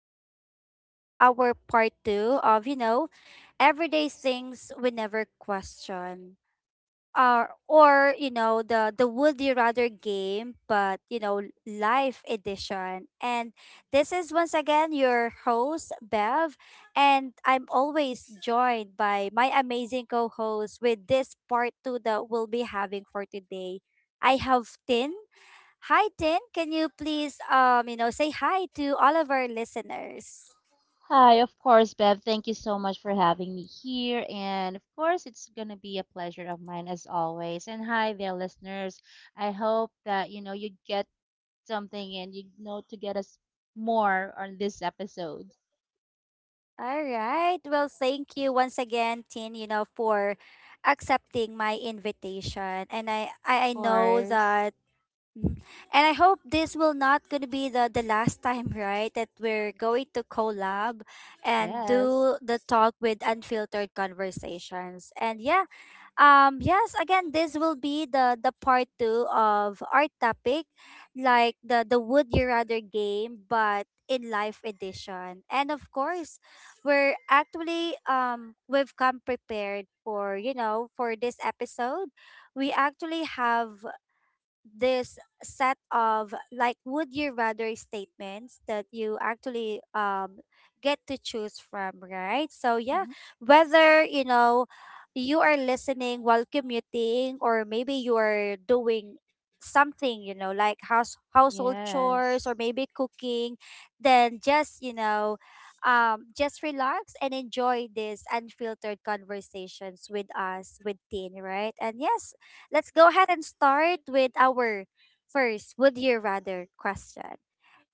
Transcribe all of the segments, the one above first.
This is actually our part two of everyday things we never question. Or the Would You Rather game, but live edition. And this is once again your host, Bev. And I'm always joined by my amazing co host with this part two that we'll be having for today. I have Tin. Hi, Tin. Can you please, say hi to all of our listeners? Hi, of course, Bev. Thank you so much for having me here. And of course, it's going to be a pleasure of mine as always. And hi there, listeners. I hope that you get something and to get us more on this episode. All right. Well, thank you once again, Tin. For accepting my invitation, and I, Of I, I know course. that, mm, and I hope this will not gonna be the last time, right? That we're going to collab and Yes. do the talk with Unfiltered Conversations. And yeah. Yes, again, this will be the part two of our topic, like the Would You Rather game, but in life edition. And of course, we're actually we've come prepared for you know for this episode. We actually have this set of like Would You Rather statements that you actually get to choose from, right? So yeah, Hmm. whether you are listening while commuting, or maybe you are doing something like household chores, or Yes. maybe cooking, then just just relax and enjoy these Unfiltered Conversations with us with teen, right? And yes, let's go ahead and start with our first Would You Rather question.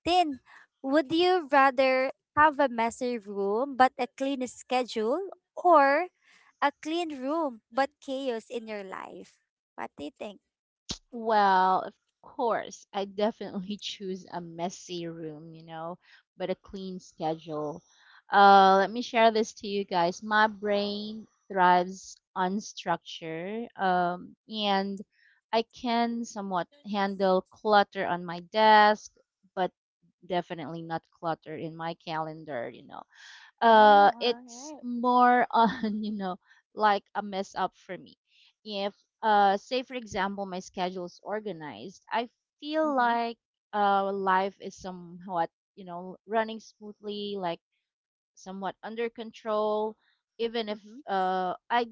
Then, would you rather have a messy room but a clean schedule, or a clean room but chaos in your life? What do you think? Well, of course, I definitely choose a messy room, but a clean schedule. Let me share this to you guys. My brain thrives on structure, and I can somewhat handle clutter on my desk, but definitely not clutter in my calendar, Mm, all it's right. more on like a mess up for me if say for example my schedule is organized. I feel Mm-hmm. like life is somewhat running smoothly, like somewhat under control, even if Mm-hmm. I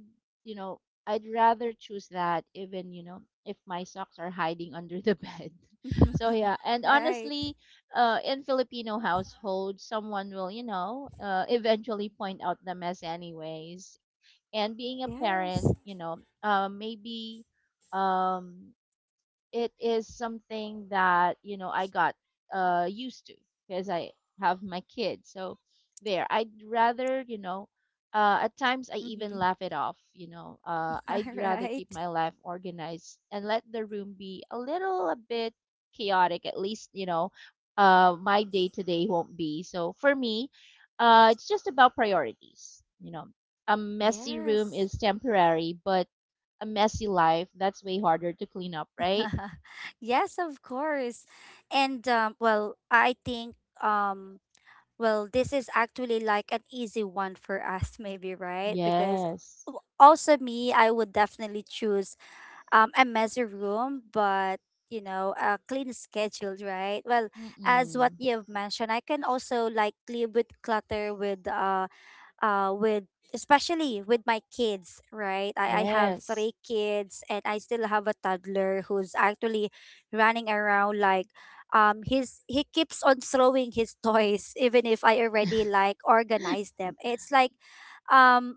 you know I'd rather choose that, even if my socks are hiding under the bed. So yeah, and Right. honestly in Filipino households someone will eventually point out the mess anyways, and being a parent Yes. you know uh, maybe um it is something that I got used to, because I have my kids. So there, I'd rather. At times I even Mm-hmm. laugh it off. I'd All rather keep right. my life organized and let the room be a little a bit chaotic. At least, my day to day won't be. So for me, it's just about priorities. A messy room Yes. is temporary, but a messy life, that's way harder to clean up, right? Yes, of course. And well, I think um well, this is actually like an easy one for us, maybe, right? Because Yes. Also me, I would definitely choose, a messy room, but a clean schedule, right? Well, as what Mm-mm. you've mentioned, I can also like live with clutter with especially with my kids, right? I have Yes. three kids and I still have a toddler who's actually running around like he keeps on throwing his toys, even if I already like organize them. It's like um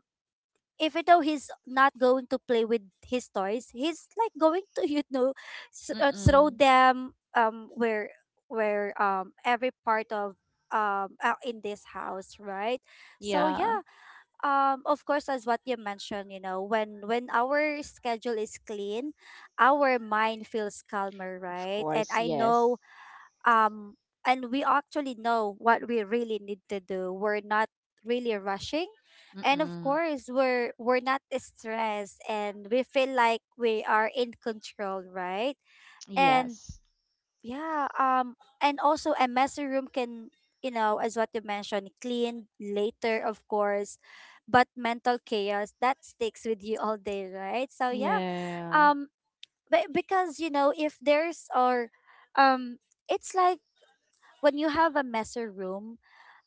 even though he's not going to play with his toys, he's like going to throw Mm-mm. them where every part of in this house, right? So Yeah. yeah, of course, as what you mentioned, you know, when our schedule is clean, our mind feels calmer, Of right? And course, I yes. know, um, and we actually know what we really need to do. We're not really rushing, and of Mm-mm. course, we're not stressed, and we feel like we are in control, right? And Yes. yeah, and also a messy room can, as what you mentioned, clean later, of course, but mental chaos that sticks with you all day, right? So yeah, Yeah. um, but because, if there's or, um, it's like when you have a messy room,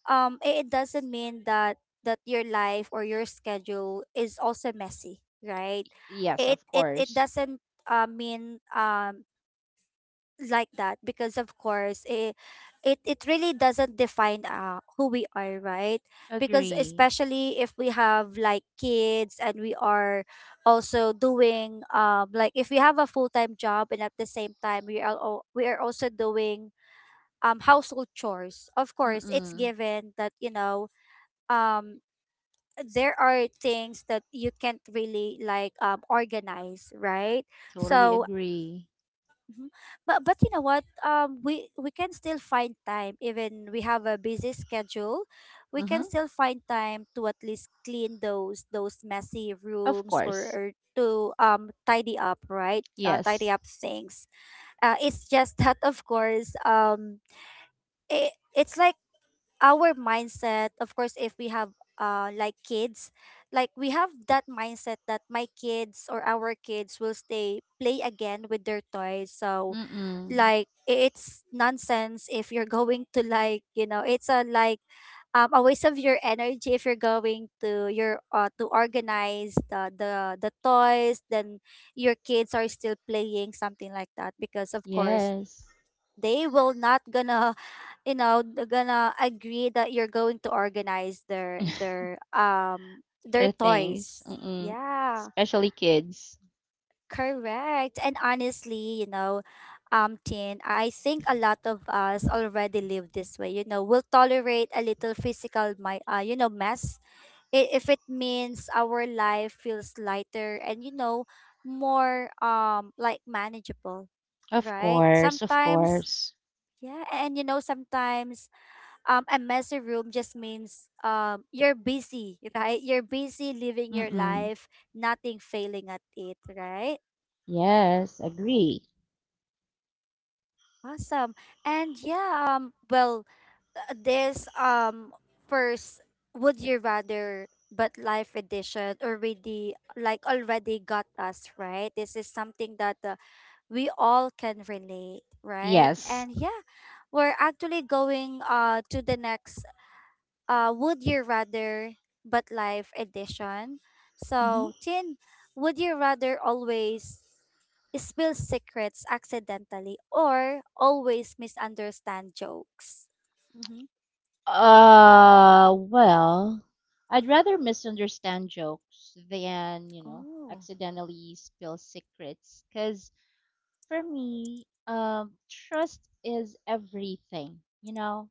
it doesn't mean that your life or your schedule is also messy, right? Yes, It of it it course. doesn't mean like that, because of course it really doesn't define who we are, right? Because Agree. especially if we have like kids, and we are also doing like if we have a full-time job, and at the same time we are also doing household chores, of course it's Mm-mm. given that um there are things that you can't really like organize, right? Totally So, agree. Mhm. But you know what? We can still find time, even we have a busy schedule. We Mm-hmm. can still find time to at least clean those messy Of rooms, or, course. or to tidy up, right? Uh, Yes. tidy up things. It's just that, of course, it's like our mindset. Of course, if we have like kids, like we have that mindset that my kids or our kids will stay play again with their toys, so Mm-mm. like it's nonsense if you're going to like it's a like a waste of your energy if you're going to your to organize the toys, then your kids are still playing something like that, because of course Yes. they will not gonna they're gonna agree that you're going to organize their their um their There are things. toys, Mm-mm. yeah. Especially kids. Correct. And honestly, Tin, I think a lot of us already live this way. We'll tolerate a little physical, mess if it means our life feels lighter, and more like manageable, Of right? course, of Sometimes, course. yeah, and sometimes a messy room just means you're busy, right? You're busy living your Mm-mm. life, nothing failing at it, right? Yes, agree. Awesome. And yeah, well, this first Would You Rather But Live edition already got us, right? This is something that we all can relate, right? Yes. And yeah, we're actually going to the next Would You Rather But Life edition. Mhm. So, Tin, would you rather always spill secrets accidentally, or always misunderstand jokes? Mm-hmm. Well, I'd rather misunderstand jokes than Oh, accidentally spill secrets. Because for me, trust is everything, you know?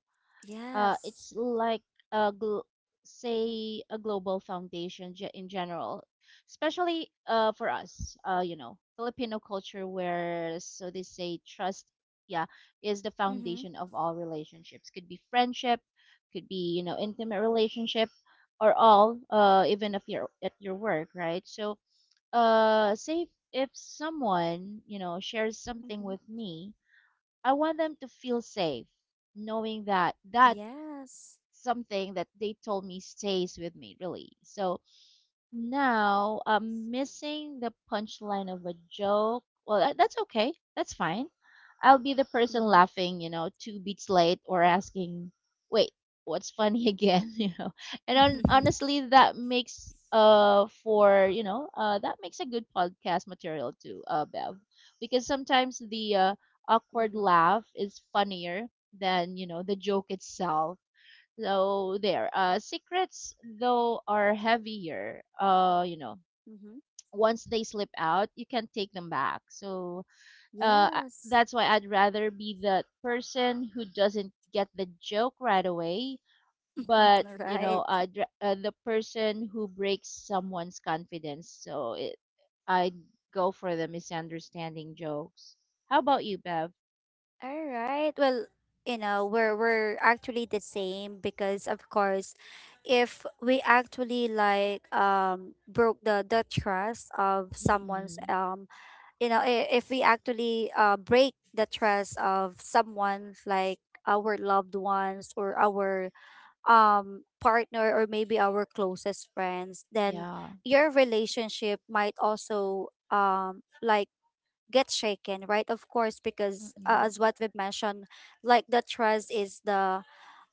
Yes. It's like a gl- say a global foundation, in general, especially for us, filipino culture, where so they say trust, yeah, is the Mm-hmm. foundation of all relationships. Could be friendship, could be intimate relationship, or all, even if you're at your work, right? So, say if someone shares something Mm-hmm. with me, I want them to feel safe knowing that that Yes. something that they told me stays with me, really. So now I'm missing the punchline of a joke. Well, that's okay, that's fine. I'll be the person Mm-hmm. laughing two beats late, or asking, wait, what's funny again? And on, Mm-hmm. honestly, that makes for you know that makes a good podcast material too, Bev. Because sometimes the awkward Mm-hmm. laugh is funnier than the joke itself. So there, secrets though are heavier. Mm-hmm. once they slip out, you can't take them back. So uh, I- Yes. that's why I'd rather be the person who doesn't get the joke right away, but Right. The person who breaks someone's confidence. So I'd go for the misunderstanding jokes. How about you, Bev? All right. Well, we're actually the same, because of course, if we actually like broke the trust of someone's Mm-mm. You know, if we actually break the trust of someone, like our loved ones or our partner, or maybe our closest friends, then Yeah. your relationship might also like get shaken, right? Of course, because Mm-mm. as what we've mentioned, like the trust is the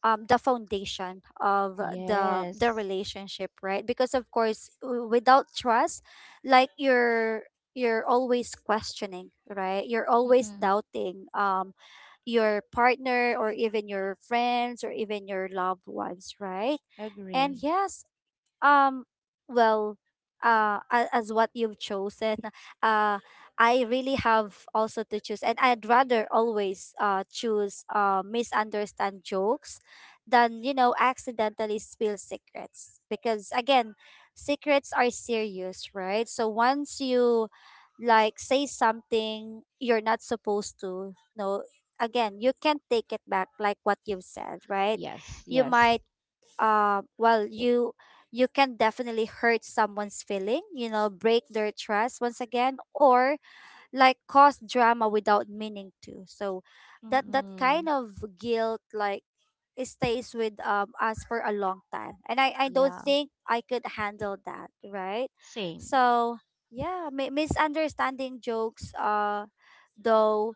um the foundation of the Yes. relationship, right? Because of course, without trust, like you're always questioning, right? You're always Mm-mm. doubting your partner, or even your friends, or even your loved ones, right? And Agree. yes, um, well, as what you've chosen, uh, I really have also to choose, and I'd rather always choose misunderstand jokes than accidentally spill secrets, because again, secrets are serious, right? So once you like say something you're not supposed to, no, again, you can't take it back, like what you've said, right? Yes, You yes. might well, you can definitely hurt someone's feeling, break their trust once again, or like cause drama without meaning to, so that kind Mm-mm. of guilt, like, it stays with us for a long time, and I don't Yeah. think I could handle that, right? Same. So yeah, misunderstanding jokes, though,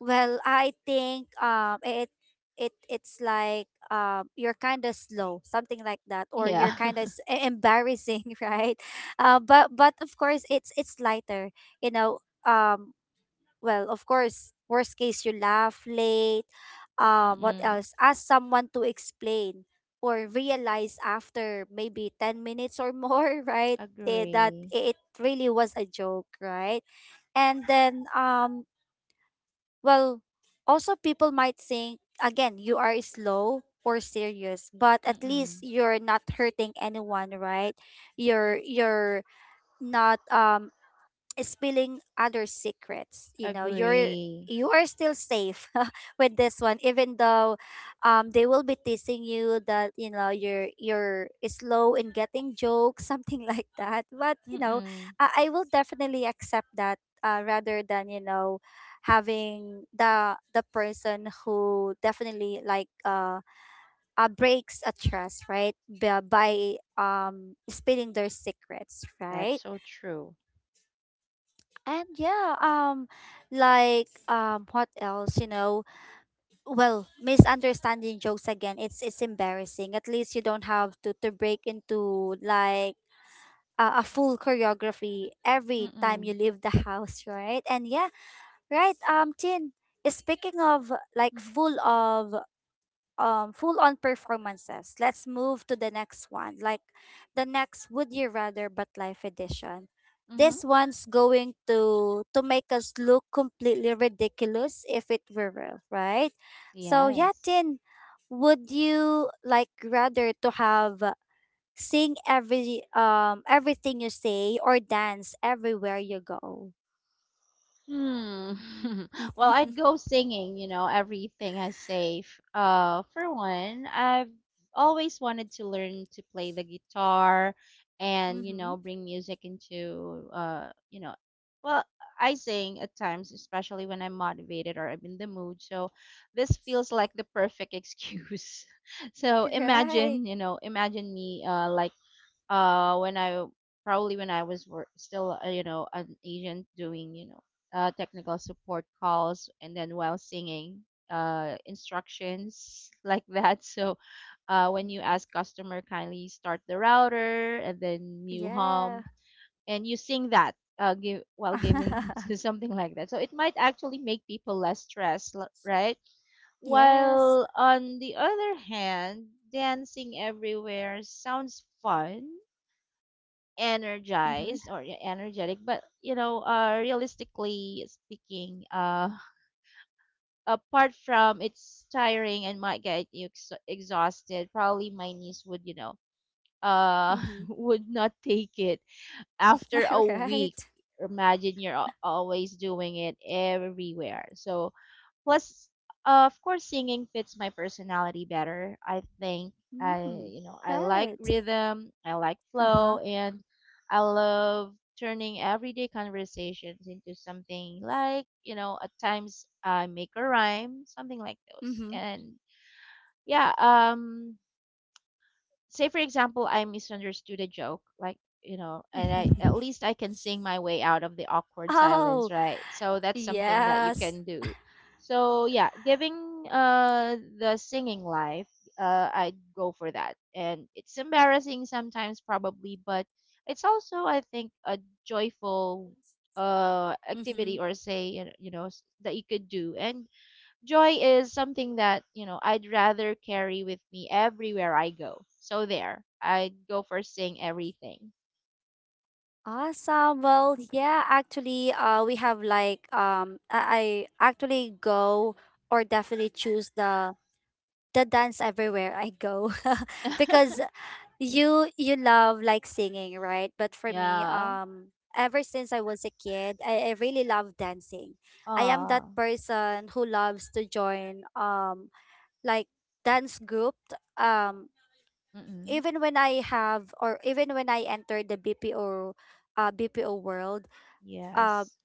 well, I think it's like you're kind of slow, something like that, or you're Yeah. kind of embarrassing, right? But of course it's lighter, you know. Um, well, of course, worst case you laugh late. What Mm-mm. else? Ask someone to explain, or realize after maybe 10 minutes or more, right? That Agree. it really was a joke, right? And then well, also people might think again you are slow or serious, but at least Mm-mm. you're not hurting anyone, right? You're not spilling other secrets, you know you're Agree. you are still safe, with this one, even though they will be teasing you that you're slow in getting jokes, something like that. But Mm-mm. I will definitely accept that, rather than having the person who definitely like breaks a trust, right? By spilling their secrets, That's right? so true. And yeah, like, what else? Well, misunderstanding jokes again, it's embarrassing. At least you don't have to break into like a full choreography every time you Mm-mm. leave the house, right? And yeah, right. Tin. Speaking of like Mm-hmm. Full on performances, let's move to the next one, like the next Would You Rather But Life edition. Mm-hmm. This one's going to make us look completely ridiculous if it were real, right? So yeah, Yes. Tin, would you like rather to have sing everything you say, or dance everywhere you go? Hmm. Well, I'd go singing everything I say. For one, I've always wanted to learn to play the guitar andMm-hmm. Bring music into, well, I sing at times, especially when I'm motivated or I'm in the mood. So this feels like the perfect excuse. So Right. imagine me, like, when I, probably when I was still, an agent doing technical support calls, and then while singing instructions like that. So when you Mhm. ask customer, kindly start the router, and then you Yeah. hum and you sing that, give while giving it, to something like that. So it might actually make people less stressed, right? Yes. While on the other hand, dancing everywhere sounds fun, Mm-hmm. energized, or you're energetic, but realistically speaking, apart from it's tiring and might get you exhausted, probably my niece would uh Mhm. would not take it after a week. Alright. Imagine you're always doing it everywhere. So plus, of course, singing fits my personality better. I think I, Mm. I like Right. rhythm, I like Uh-huh. flow, and I love turning everyday conversations into something like, at times I make a rhyme, something like those. Mhm. And yeah, say for example I misunderstood a joke, like and I at least I can sing my way out of the awkward Oh, silence, right? So that's something that you yes. can do. So yeah, giving, the singing life, I'd go for that. And it's embarrassing sometimes, probably, but it's also, I think, a joyful Mm-hmm. activity, or say, you know, that you could do. And joy is something that, I'd rather carry with me everywhere I go. So there, I'd go for saying everything. Awesome. Well, yeah, actually, we have I actually go or definitely choose the dance everywhere I go because you love like singing, right? But for me, Yeah. Ever since I was a kid, I really love dancing. I am that Ah. person who loves to join like dance group, um Mm-mm. even when I have, or even when I entered the BPO, BPO world, um Yes.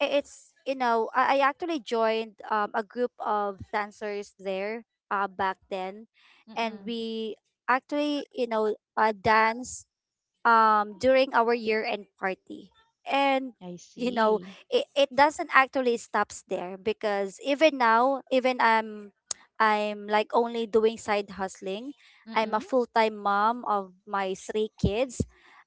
I- it's you know I actually joined a group of dancers there back then. And Mm-mm. we actually, dance during our year-end party. And, I you know, see. it doesn't actually stops there because even now, even I'm like only doing side hustling. I'm a Mm-mm. full-time mom of my three kids.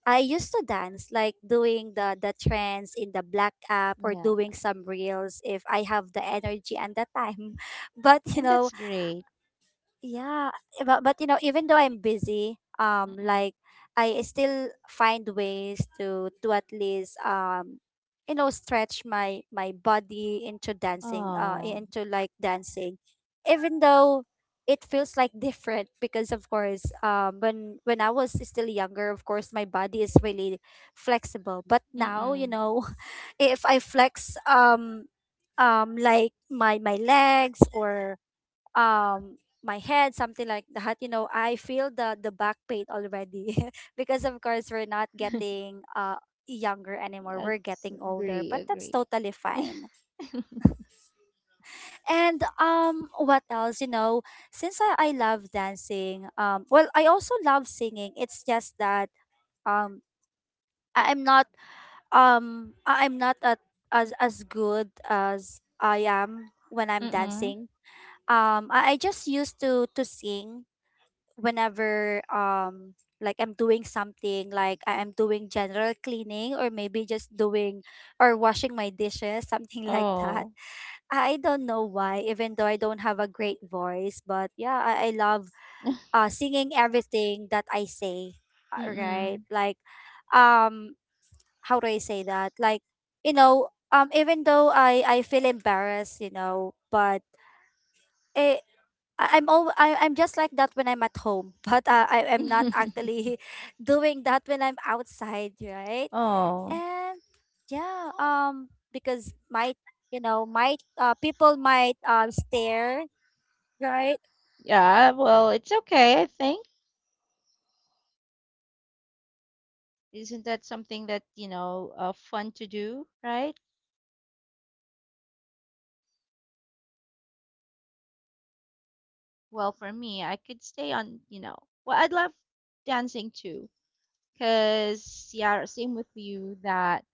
I used to dance, like doing the trends in the black app, or Yeah. doing some reels if I have the energy and the time. But you And know, that's great. yeah, even though I'm busy, Mm-mm. like I still find ways to at least, stretch my body into dancing, Oh. into like dancing, even though it feels like different because, of course, when I was still younger, of course, my body is really flexible. But now, you Mm-mm. know, if I flex, like my legs or um my head, something like that, you know, I feel the back pain already because, of course, we're not getting, younger anymore, we're getting older. agree, But that's agree. totally fine. And what else? You know, since I love dancing, well, I also love singing. It's just that, um I- i'm not I'm not at, as good as I am when I'm Mm-mm. dancing. I just used to sing whenever, like I'm doing something, like I am doing general cleaning, or maybe just doing or washing my dishes, something like that. Oh. I don't know why, even though I don't have a great voice, but yeah, I love singing everything that I say. Right? Mm-mm. Like, um how do I say that? Like, you know, even though I feel embarrassed, you know, but it, I'm just like that when I'm at home, but, I am not actually doing that when I'm outside, right? Oh. And yeah, because might, you know, might, people might stare, right? Yeah, well, it's okay, I think. Isn't that something that fun to do, right? Well, for me, I could stay on, well, I'd love dancing too. 'Cause yeah, same with you, that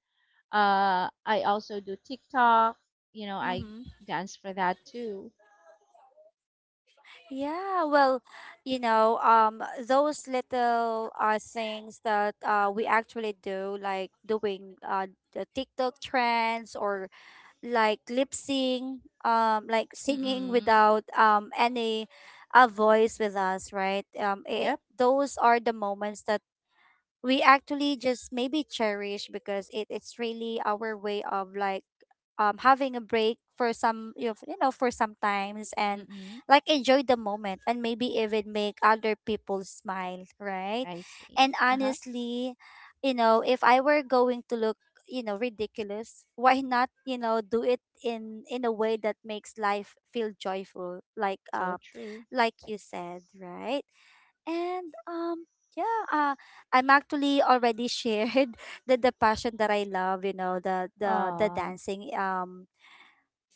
I also do TikTok. I Mm-hmm. dance for that too. Yeah, well, you know, those little things that we actually do, like doing the TikTok trends, or like lip sync, like singing Mm-mm. without any a voice with us, right? Yep. Those are the moments that we actually just maybe cherish because it's really our way of like having a break for you know, for some times, and Mm-mm. like enjoy the moment and maybe even make other people smile, right? I see. And Uh-huh. honestly, you know, if I were going to look, you know, ridiculous, why not, you know, do it in a way that makes life feel joyful, like, So true. like you said, right? And yeah, I'm actually already shared the passion that I love, you know, the Aw. dancing.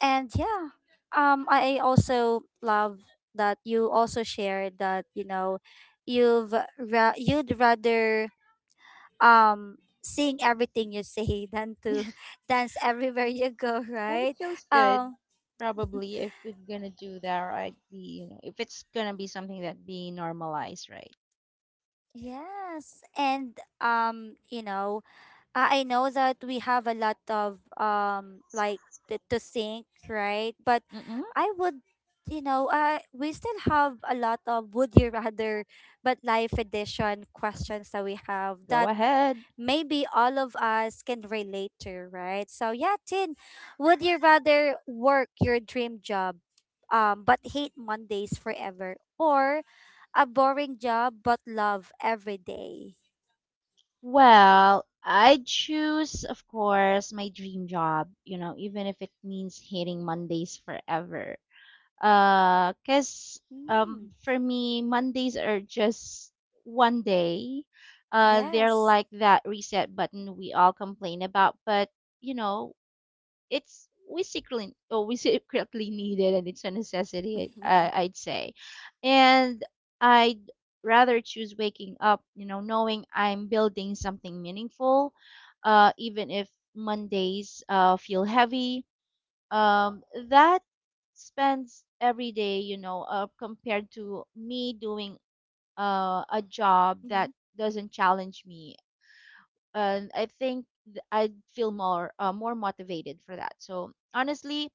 And yeah, I also love that you also shared that, you know, you'd rather um sing everything you say than to dance everywhere you go, That right? feels good. Um Probably if we're gonna do that, right? If it's gonna be something that be normalized, right? yes, and, you know, I know that we have a lot of like to sink, right? But Mm-mm. I would, you know, we still have a lot of would you rather but life edition questions that we have Go that ahead. maybe all of us can relate to, right? So yeah, Tin, would you rather work your dream job, but hate Mondays forever, or a boring job but love every day? Well, I choose, of course, my dream job, you know, even if it means hating Mondays forever. 'Cause Mm, for me, Mondays are just one day. They're yes. like that reset button we all complain about. But you know, it's, we secretly, we secretly need it, and it's a necessity, I, i'd say. And I'd rather choose waking up knowing I'm building something meaningful, even if Mondays feel heavy. um that spends every day, compared to me doing a job that Mm-hmm. doesn't challenge me. And I think I'd feel more motivated for that. So honestly,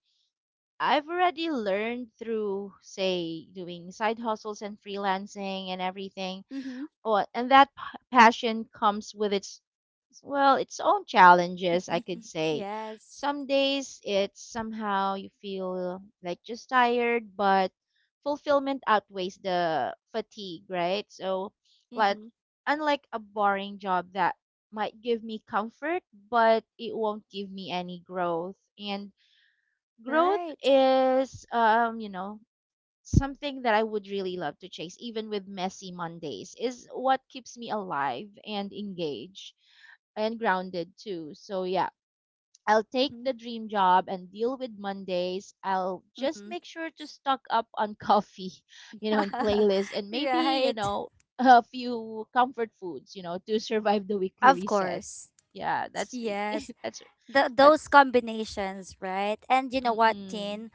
I've already learned through, say, doing side hustles and freelancing and everything. Mm-hmm. Oh, and that passion comes with its, well, its own challenges, I Mm-hmm. could say. Yes. Some days it's somehow, you feel like just tired, but fulfillment outweighs the fatigue, right? So, like, Mm-hmm. unlike a boring job that might give me comfort, but it won't give me any growth. And growth Right. is something that I would really love to chase. Even with messy Mondays is what keeps me alive and engaged and grounded too. So yeah, I'll take Mm-hmm. the dream job and deal with Mondays. I'll just Mm-hmm. make sure to stock up on coffee and playlists, and maybe Right. A few comfort foods to survive the weekly Of reset. course. Yeah, that's me. Yes. that's The, those that's combinations, right? And you know what, mm-mm. Tin?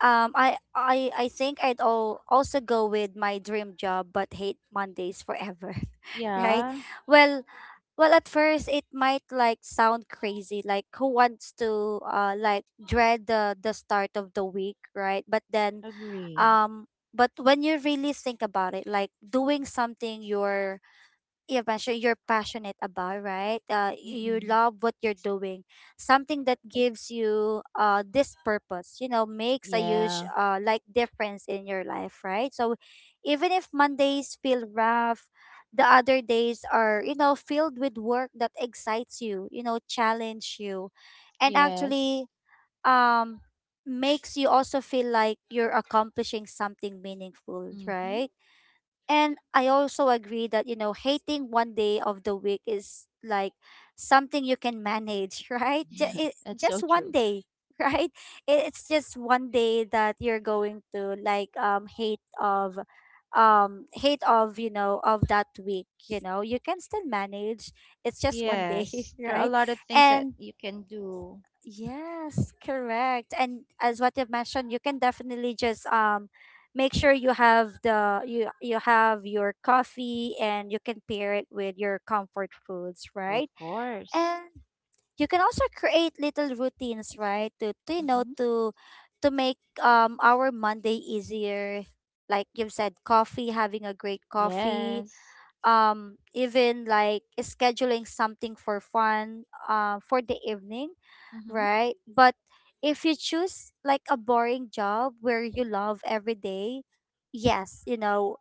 I think I'd all also go with my dream job, but hate Mondays forever, right? Yeah. Well, well, at first it might like sound crazy, like who wants to, like dread the start of the week, right? But then, Agree. um but when you really think about it, like doing something you're, yeah, passion you're passionate about, right? You Mm-mm. love what you're doing, something that gives you, this purpose, you know, makes a huge, Yeah. Like difference in your life, right? So even if Mondays feel rough, the other days are, you know, filled with work that excites you, you know, challenge you, and Yes. actually, um makes you also feel like you're accomplishing something meaningful, Mm-hmm. right? And I also agree that, you know, hating one day of the week is like something you can manage, right? Yeah, that's so Just one true. day, right? It- It's just one day that you're going to like hate of, you know, of that week, you know. You can still manage. It's just one day, Yes, there are a right? lot of things that And you can do. yes, correct. And as what you've mentioned, you can definitely just make sure you have the you you have your coffee, and you can pair it with your comfort foods, Of right? course. And you can also create little routines, right? To, you know, Mm-mm. to make our Monday easier. Like you've said, coffee, having a great coffee, Yes. Even like scheduling something for fun, for the evening, Mm-hmm. right? But if you choose like a boring job where you love every day, yes, you know,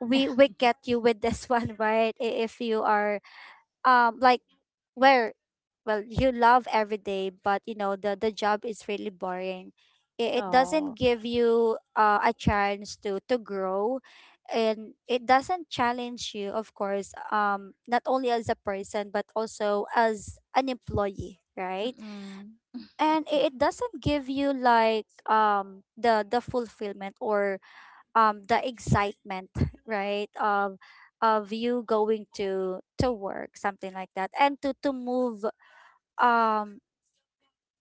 we we get you with this one, right? If you are, like, where, well, you love every day but, you know, the job is really boring, it doesn't Oh. give you, a chance to grow, and it doesn't challenge you, of course, not only as a person but also as an employee, right? Mm-mm. And it doesn't give you like, the fulfillment, or the excitement, right, of you going to work, something like that, and to move, um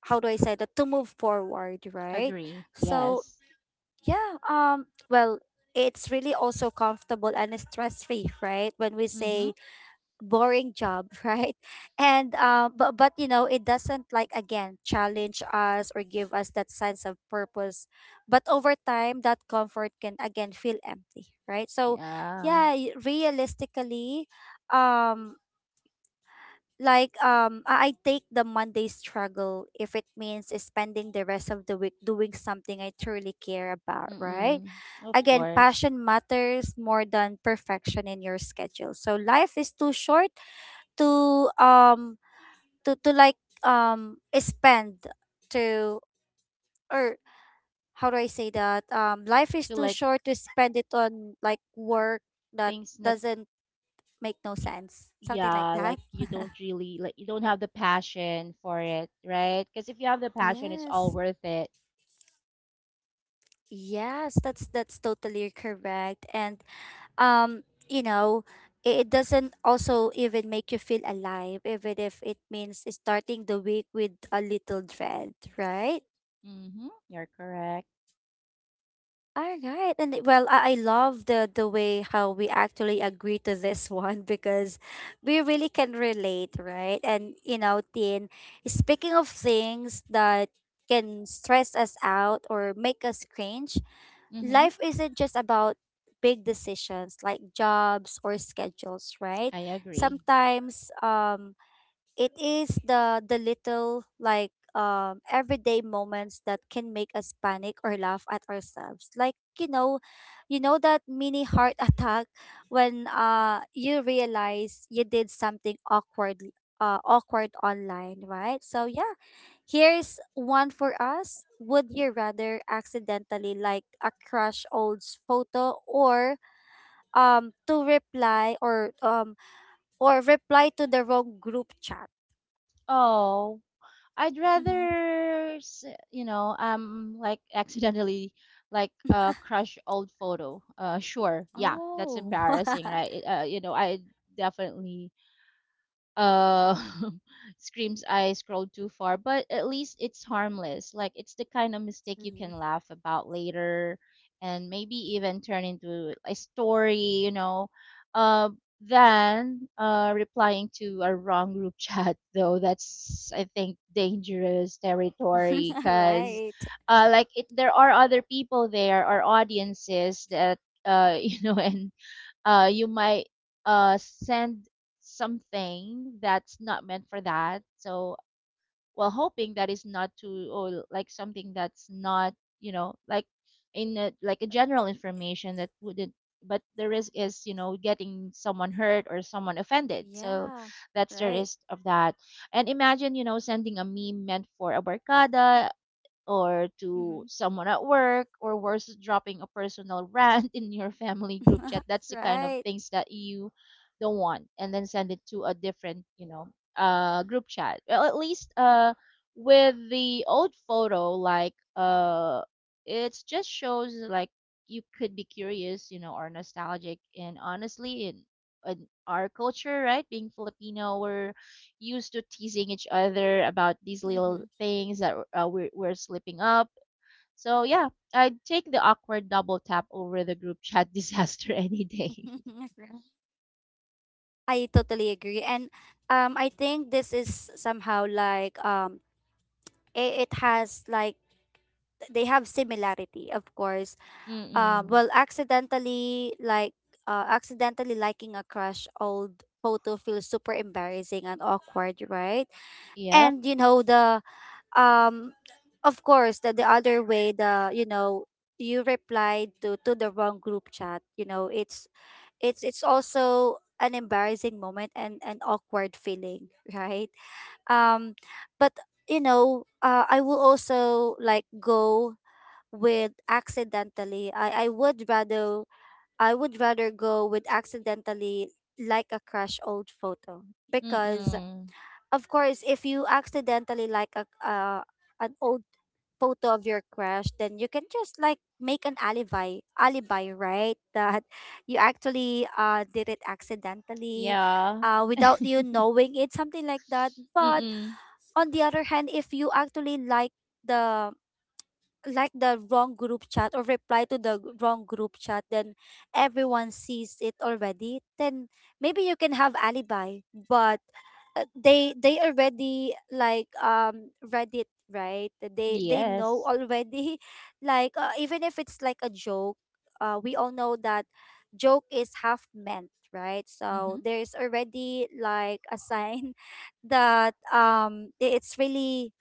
how do I say that, to move forward, right? Agree. So Yes. yeah, well, it's really also comfortable and stress free, right, when we Mm-hmm. say boring job, right? And, but you know, it doesn't like again challenge us or give us that sense of purpose, but over time that comfort can again feel empty, right? So Yeah. yeah, realistically, um I take the Monday struggle if it means spending the rest of the week doing something I truly care about, right? Mm-mm. Of Again, course. passion matters more than perfection in your schedule. So life is too short to, to like spend to or how do I say that, life is To too like short to spend it on like work that things that, doesn't make no y- sense, something like yeah, that. like you don't really, like you don't have the passion for it, right? Because if you have the passion, it's all Yes, worth it. yes, that's totally correct. And um you know, it doesn't also even make you feel alive, even if it means starting the week with a little dread, right? Mm-hmm. You're correct. All right. And well, I love the way how we actually agree to this one because we really can relate, right? And you know, Tin, speaking of things that can stress us out or make us cringe, Mm-hmm. life isn't just about big decisions like jobs or schedules, right? I agree. Sometimes, it is the little like, everyday moments that can make us panic or laugh at ourselves, like, you know, you know, that mini heart attack when, you realize you did something awkward, awkward online, right? So yeah, here's one for us: would you rather accidentally like a crush old's photo, um to reply or um or reply to the wrong group chat? Oh, I'd Mhm. rather, you know, like accidentally, like, crush old photo. Sure, yeah, that's Oh. embarrassing, right? It, you know, I definitely uh screams, I scrolled too far. But at least it's harmless. Like it's the kind of mistake you can Mhm. laugh about later and maybe even turn into a story, you know. Uh, than replying to a wrong group chat, though that's I think dangerous territory. Because Right. Like it, there are other people there, or audiences that you know, and you might send something that's not meant for that. So, well, hoping that is not to, or like something that's not, you know, like, in a, like a general information that wouldn't. But the risk is, you know, getting someone hurt or someone offended. So Yeah. that's the Right. risk of that. And imagine, you know, sending a meme meant for a barkada, or to Mhm. someone at work, or worse, dropping a personal rant in your family group chat. That's the kind of Right. things that you don't want, and then send it to a different, you know, group chat. Well, at least with the old photo, like, it just shows, like, you could be curious, you know, or nostalgic. And honestly, in our culture, right, being Filipino, we're used to teasing each other about these little Mhm. things that we're slipping up. So yeah, I'd take the awkward double tap over the group chat disaster any day. I totally agree. And I think this is somehow like, it has like they have similarity, of course. Mm-mm. Well, accidentally like, accidentally liking a crush old photo feels super embarrassing and awkward, right? Yep. And you know the, um of course, the other way, the, you know, you replied to the wrong group chat, you know, it's it's also an embarrassing moment and an awkward feeling, right? um but You know, I will also like go with accidentally, I would rather, I would rather go with accidentally like a crush old photo because, Mm-mm. of course, if you accidentally like a, uh, an old photo of your crush, then you can just like make an alibi, alibi, right? That you actually did it accidentally, Yeah. Without you knowing it, something like that. But Mm-mm. on the other hand, if you actually the like the wrong group chat or reply to the wrong group chat, then everyone sees it already, then maybe you can have alibi. But they already like read it, right? They know Yes. already. Like, even if it's like a joke, we all know that joke is half meant, right? Mm-hmm. So there's already like a sign that it's really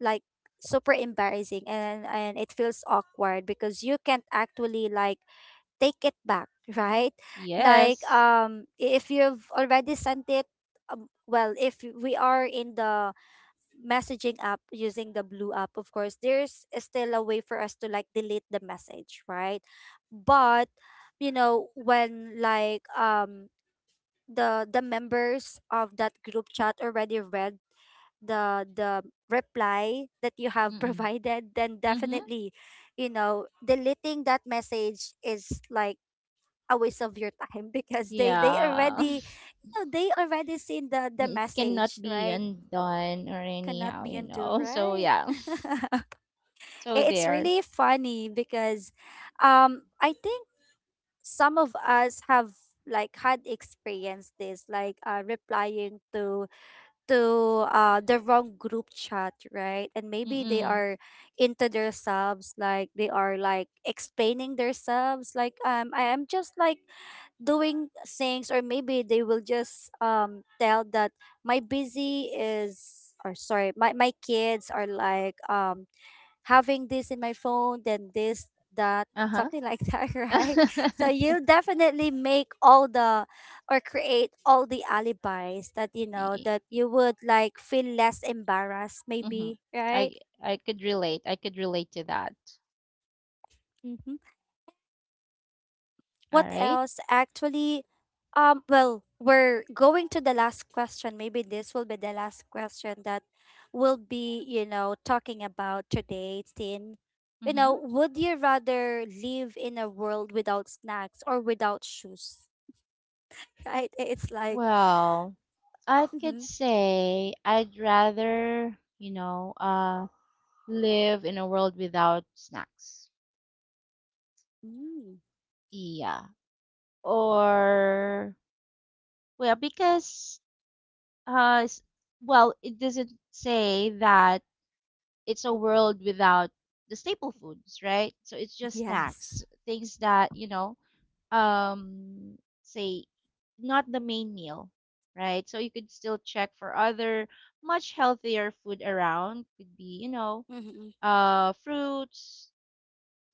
like super embarrassing, and it feels awkward because you can't actually like take it back. Right? Like, Yes. If you've already sent it, well, if we are in the messaging app using the blue app, of course there's still a way for us to like delete the message, right? But you know when like the members of that group chat already read the reply that you have Mm-mm. provided, then Mm-hmm. definitely, you know, deleting that message is like a waste of your time because they they Yeah. already you know, they already seen the the It cannot message, be right? undone or Cannot anyhow, be you undo, know. So right? yeah. I- So it's there. really funny because I think some of us have like had experienced this, like, replying to the wrong group chat, right? And maybe they Mm-mm. are into themselves, like they are like explaining themselves, like, I am just like doing things, or maybe they will just tell that my busy is, or sorry, my kids are like having this in my phone, then this, that, Uh-huh. something like that, right? So you'll definitely make all the, or create all the alibis that, you know, that you would like feel less embarrassed, Mm-hmm. maybe, right? I I could relate. I could relate to that. Mm-hmm. All What right. else actually? Well, we're going to the last question. Maybe this will be the last question that we'll be, you know, talking about today, Tin. You Mm-hmm. know, would you rather live in a world without snacks or without shoes? Right? It's like, Well, I could mhm. say I'd rather live in a world without snacks. Mm. Yeah. Or, well, because, uh, s- well, it doesn't say that it's a world without the staple foods, right? So it's just Yes. snacks, things that, say, not the main meal, right? So you could still check for other much healthier food around. Could be you know Hmm. uh fruits,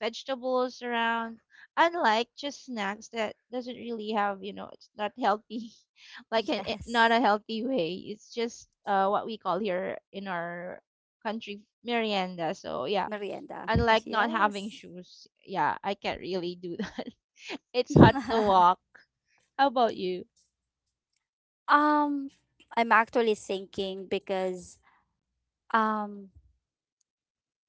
vegetables around, unlike just snacks that doesn't really have, it's not healthy like not Yes. a healthy way. It's just what we call here in our country merienda. So yeah, Merienda. unlike not having Yes. shoes, yeah, I can't really do that. It's hard to walk. How about you? um I'm actually thinking, because um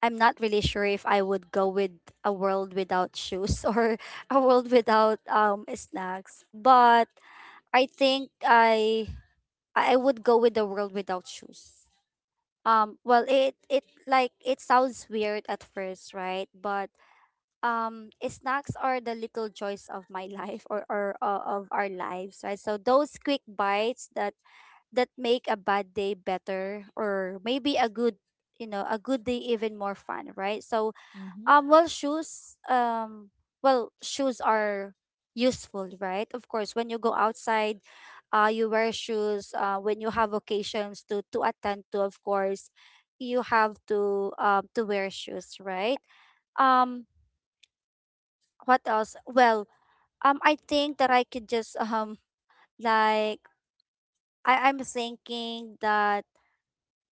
I'm not really sure if I would go with a world without shoes or a world without snacks. But I think I would go with the world without shoes. Well, it like it sounds weird at first, right? But snacks are the little joys of my life, or of our lives, right? So those quick bites that, that make a bad day better, or maybe a good, you know, a good day even more fun, right? So Mm-hmm. Well, shoes. Well, shoes are useful, right? Of course, when you go outside, you wear shoes. When you have occasions to attend to, of course, you have to wear shoes, right? Um, what else? Well, I think that I could just like I'm thinking that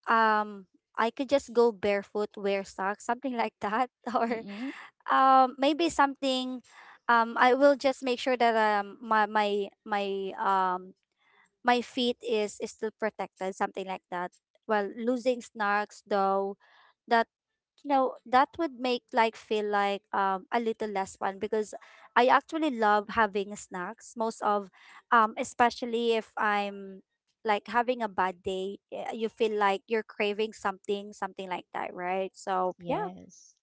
um I could just go barefoot, wear socks, something like that, or Mm-mm. Maybe something, I will just make sure that my feet is still protected, something like that. Well, losing snarks though, that, you know, that would make like feel like a little less fun because I actually love having snacks most of, especially if I'm like having a bad day, eh, you feel like you're craving something, something like that, right? So yeah. Yes.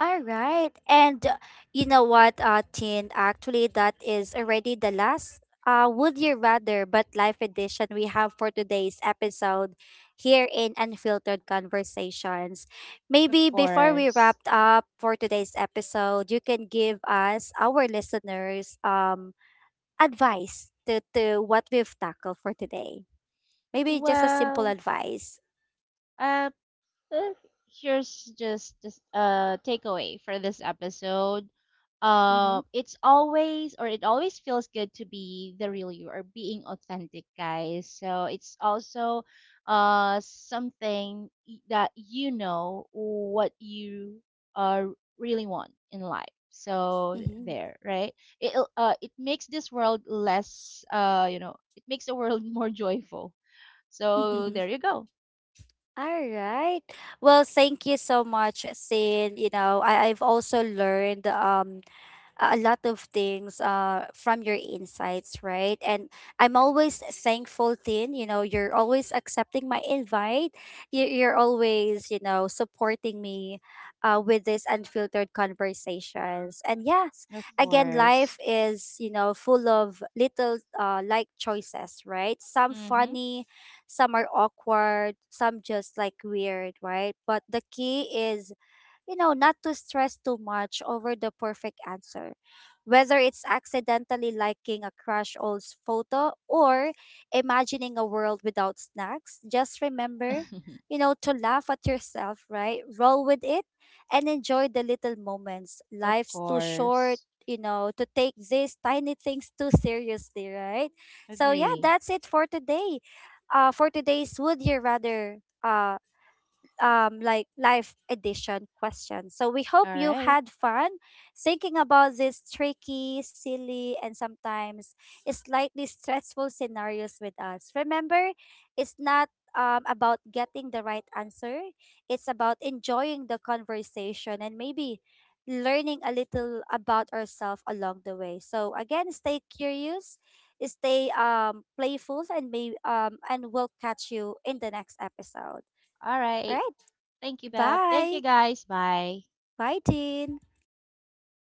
All right. And you know what, Tin? Actually, that is already the last, Would You Rather But Life edition we have for today's episode here in Unfiltered Conversations. Of Maybe before we wrap course. up for today's episode, you can give us, our listeners, advice to what we've tackled for today. Maybe just a simple Well, advice. um, Uh, here's just takeaway for this episode. Mm-hmm. It always feels good to be the real you, or being authentic, guys. So it's also something, that you know what you uh really want in life. So Mm-hmm. there, right? It makes this world less it makes the world more joyful. So there you go. All right. Well, thank you so much, Sin. You know, I've also learned a lot of things, from your insights, right? And I'm always thankful, Tin. You know, you're always accepting my invite. You're always, you know, supporting me with these unfiltered conversations. And yes, Of again, life course. is, you know, full of little, like choices, right? Some Mm-hmm. funny, some are awkward, some just like weird, right? But the key is, you know, not to stress too much over the perfect answer. Whether it's accidentally liking a crush old's photo or imagining a world without snacks, just remember, you know, to laugh at yourself, right? Roll with it and enjoy the little moments. Of Life's too short, course. you know, to take these tiny things too seriously, right? So yeah, Agree. that's it for today. For today's Would You Rather uh like life edition question. So we hope All you right. had fun thinking about these tricky, silly, and sometimes slightly stressful scenarios with us. Remember, it's not about getting the right answer, it's about enjoying the conversation and maybe learning a little about ourselves along the way. So again, stay curious, stay playful, and may and we'll catch you in the next episode. All All right. right? Thank you, Bab. Thank Bye. you, guys. Bye. Bye, Tin.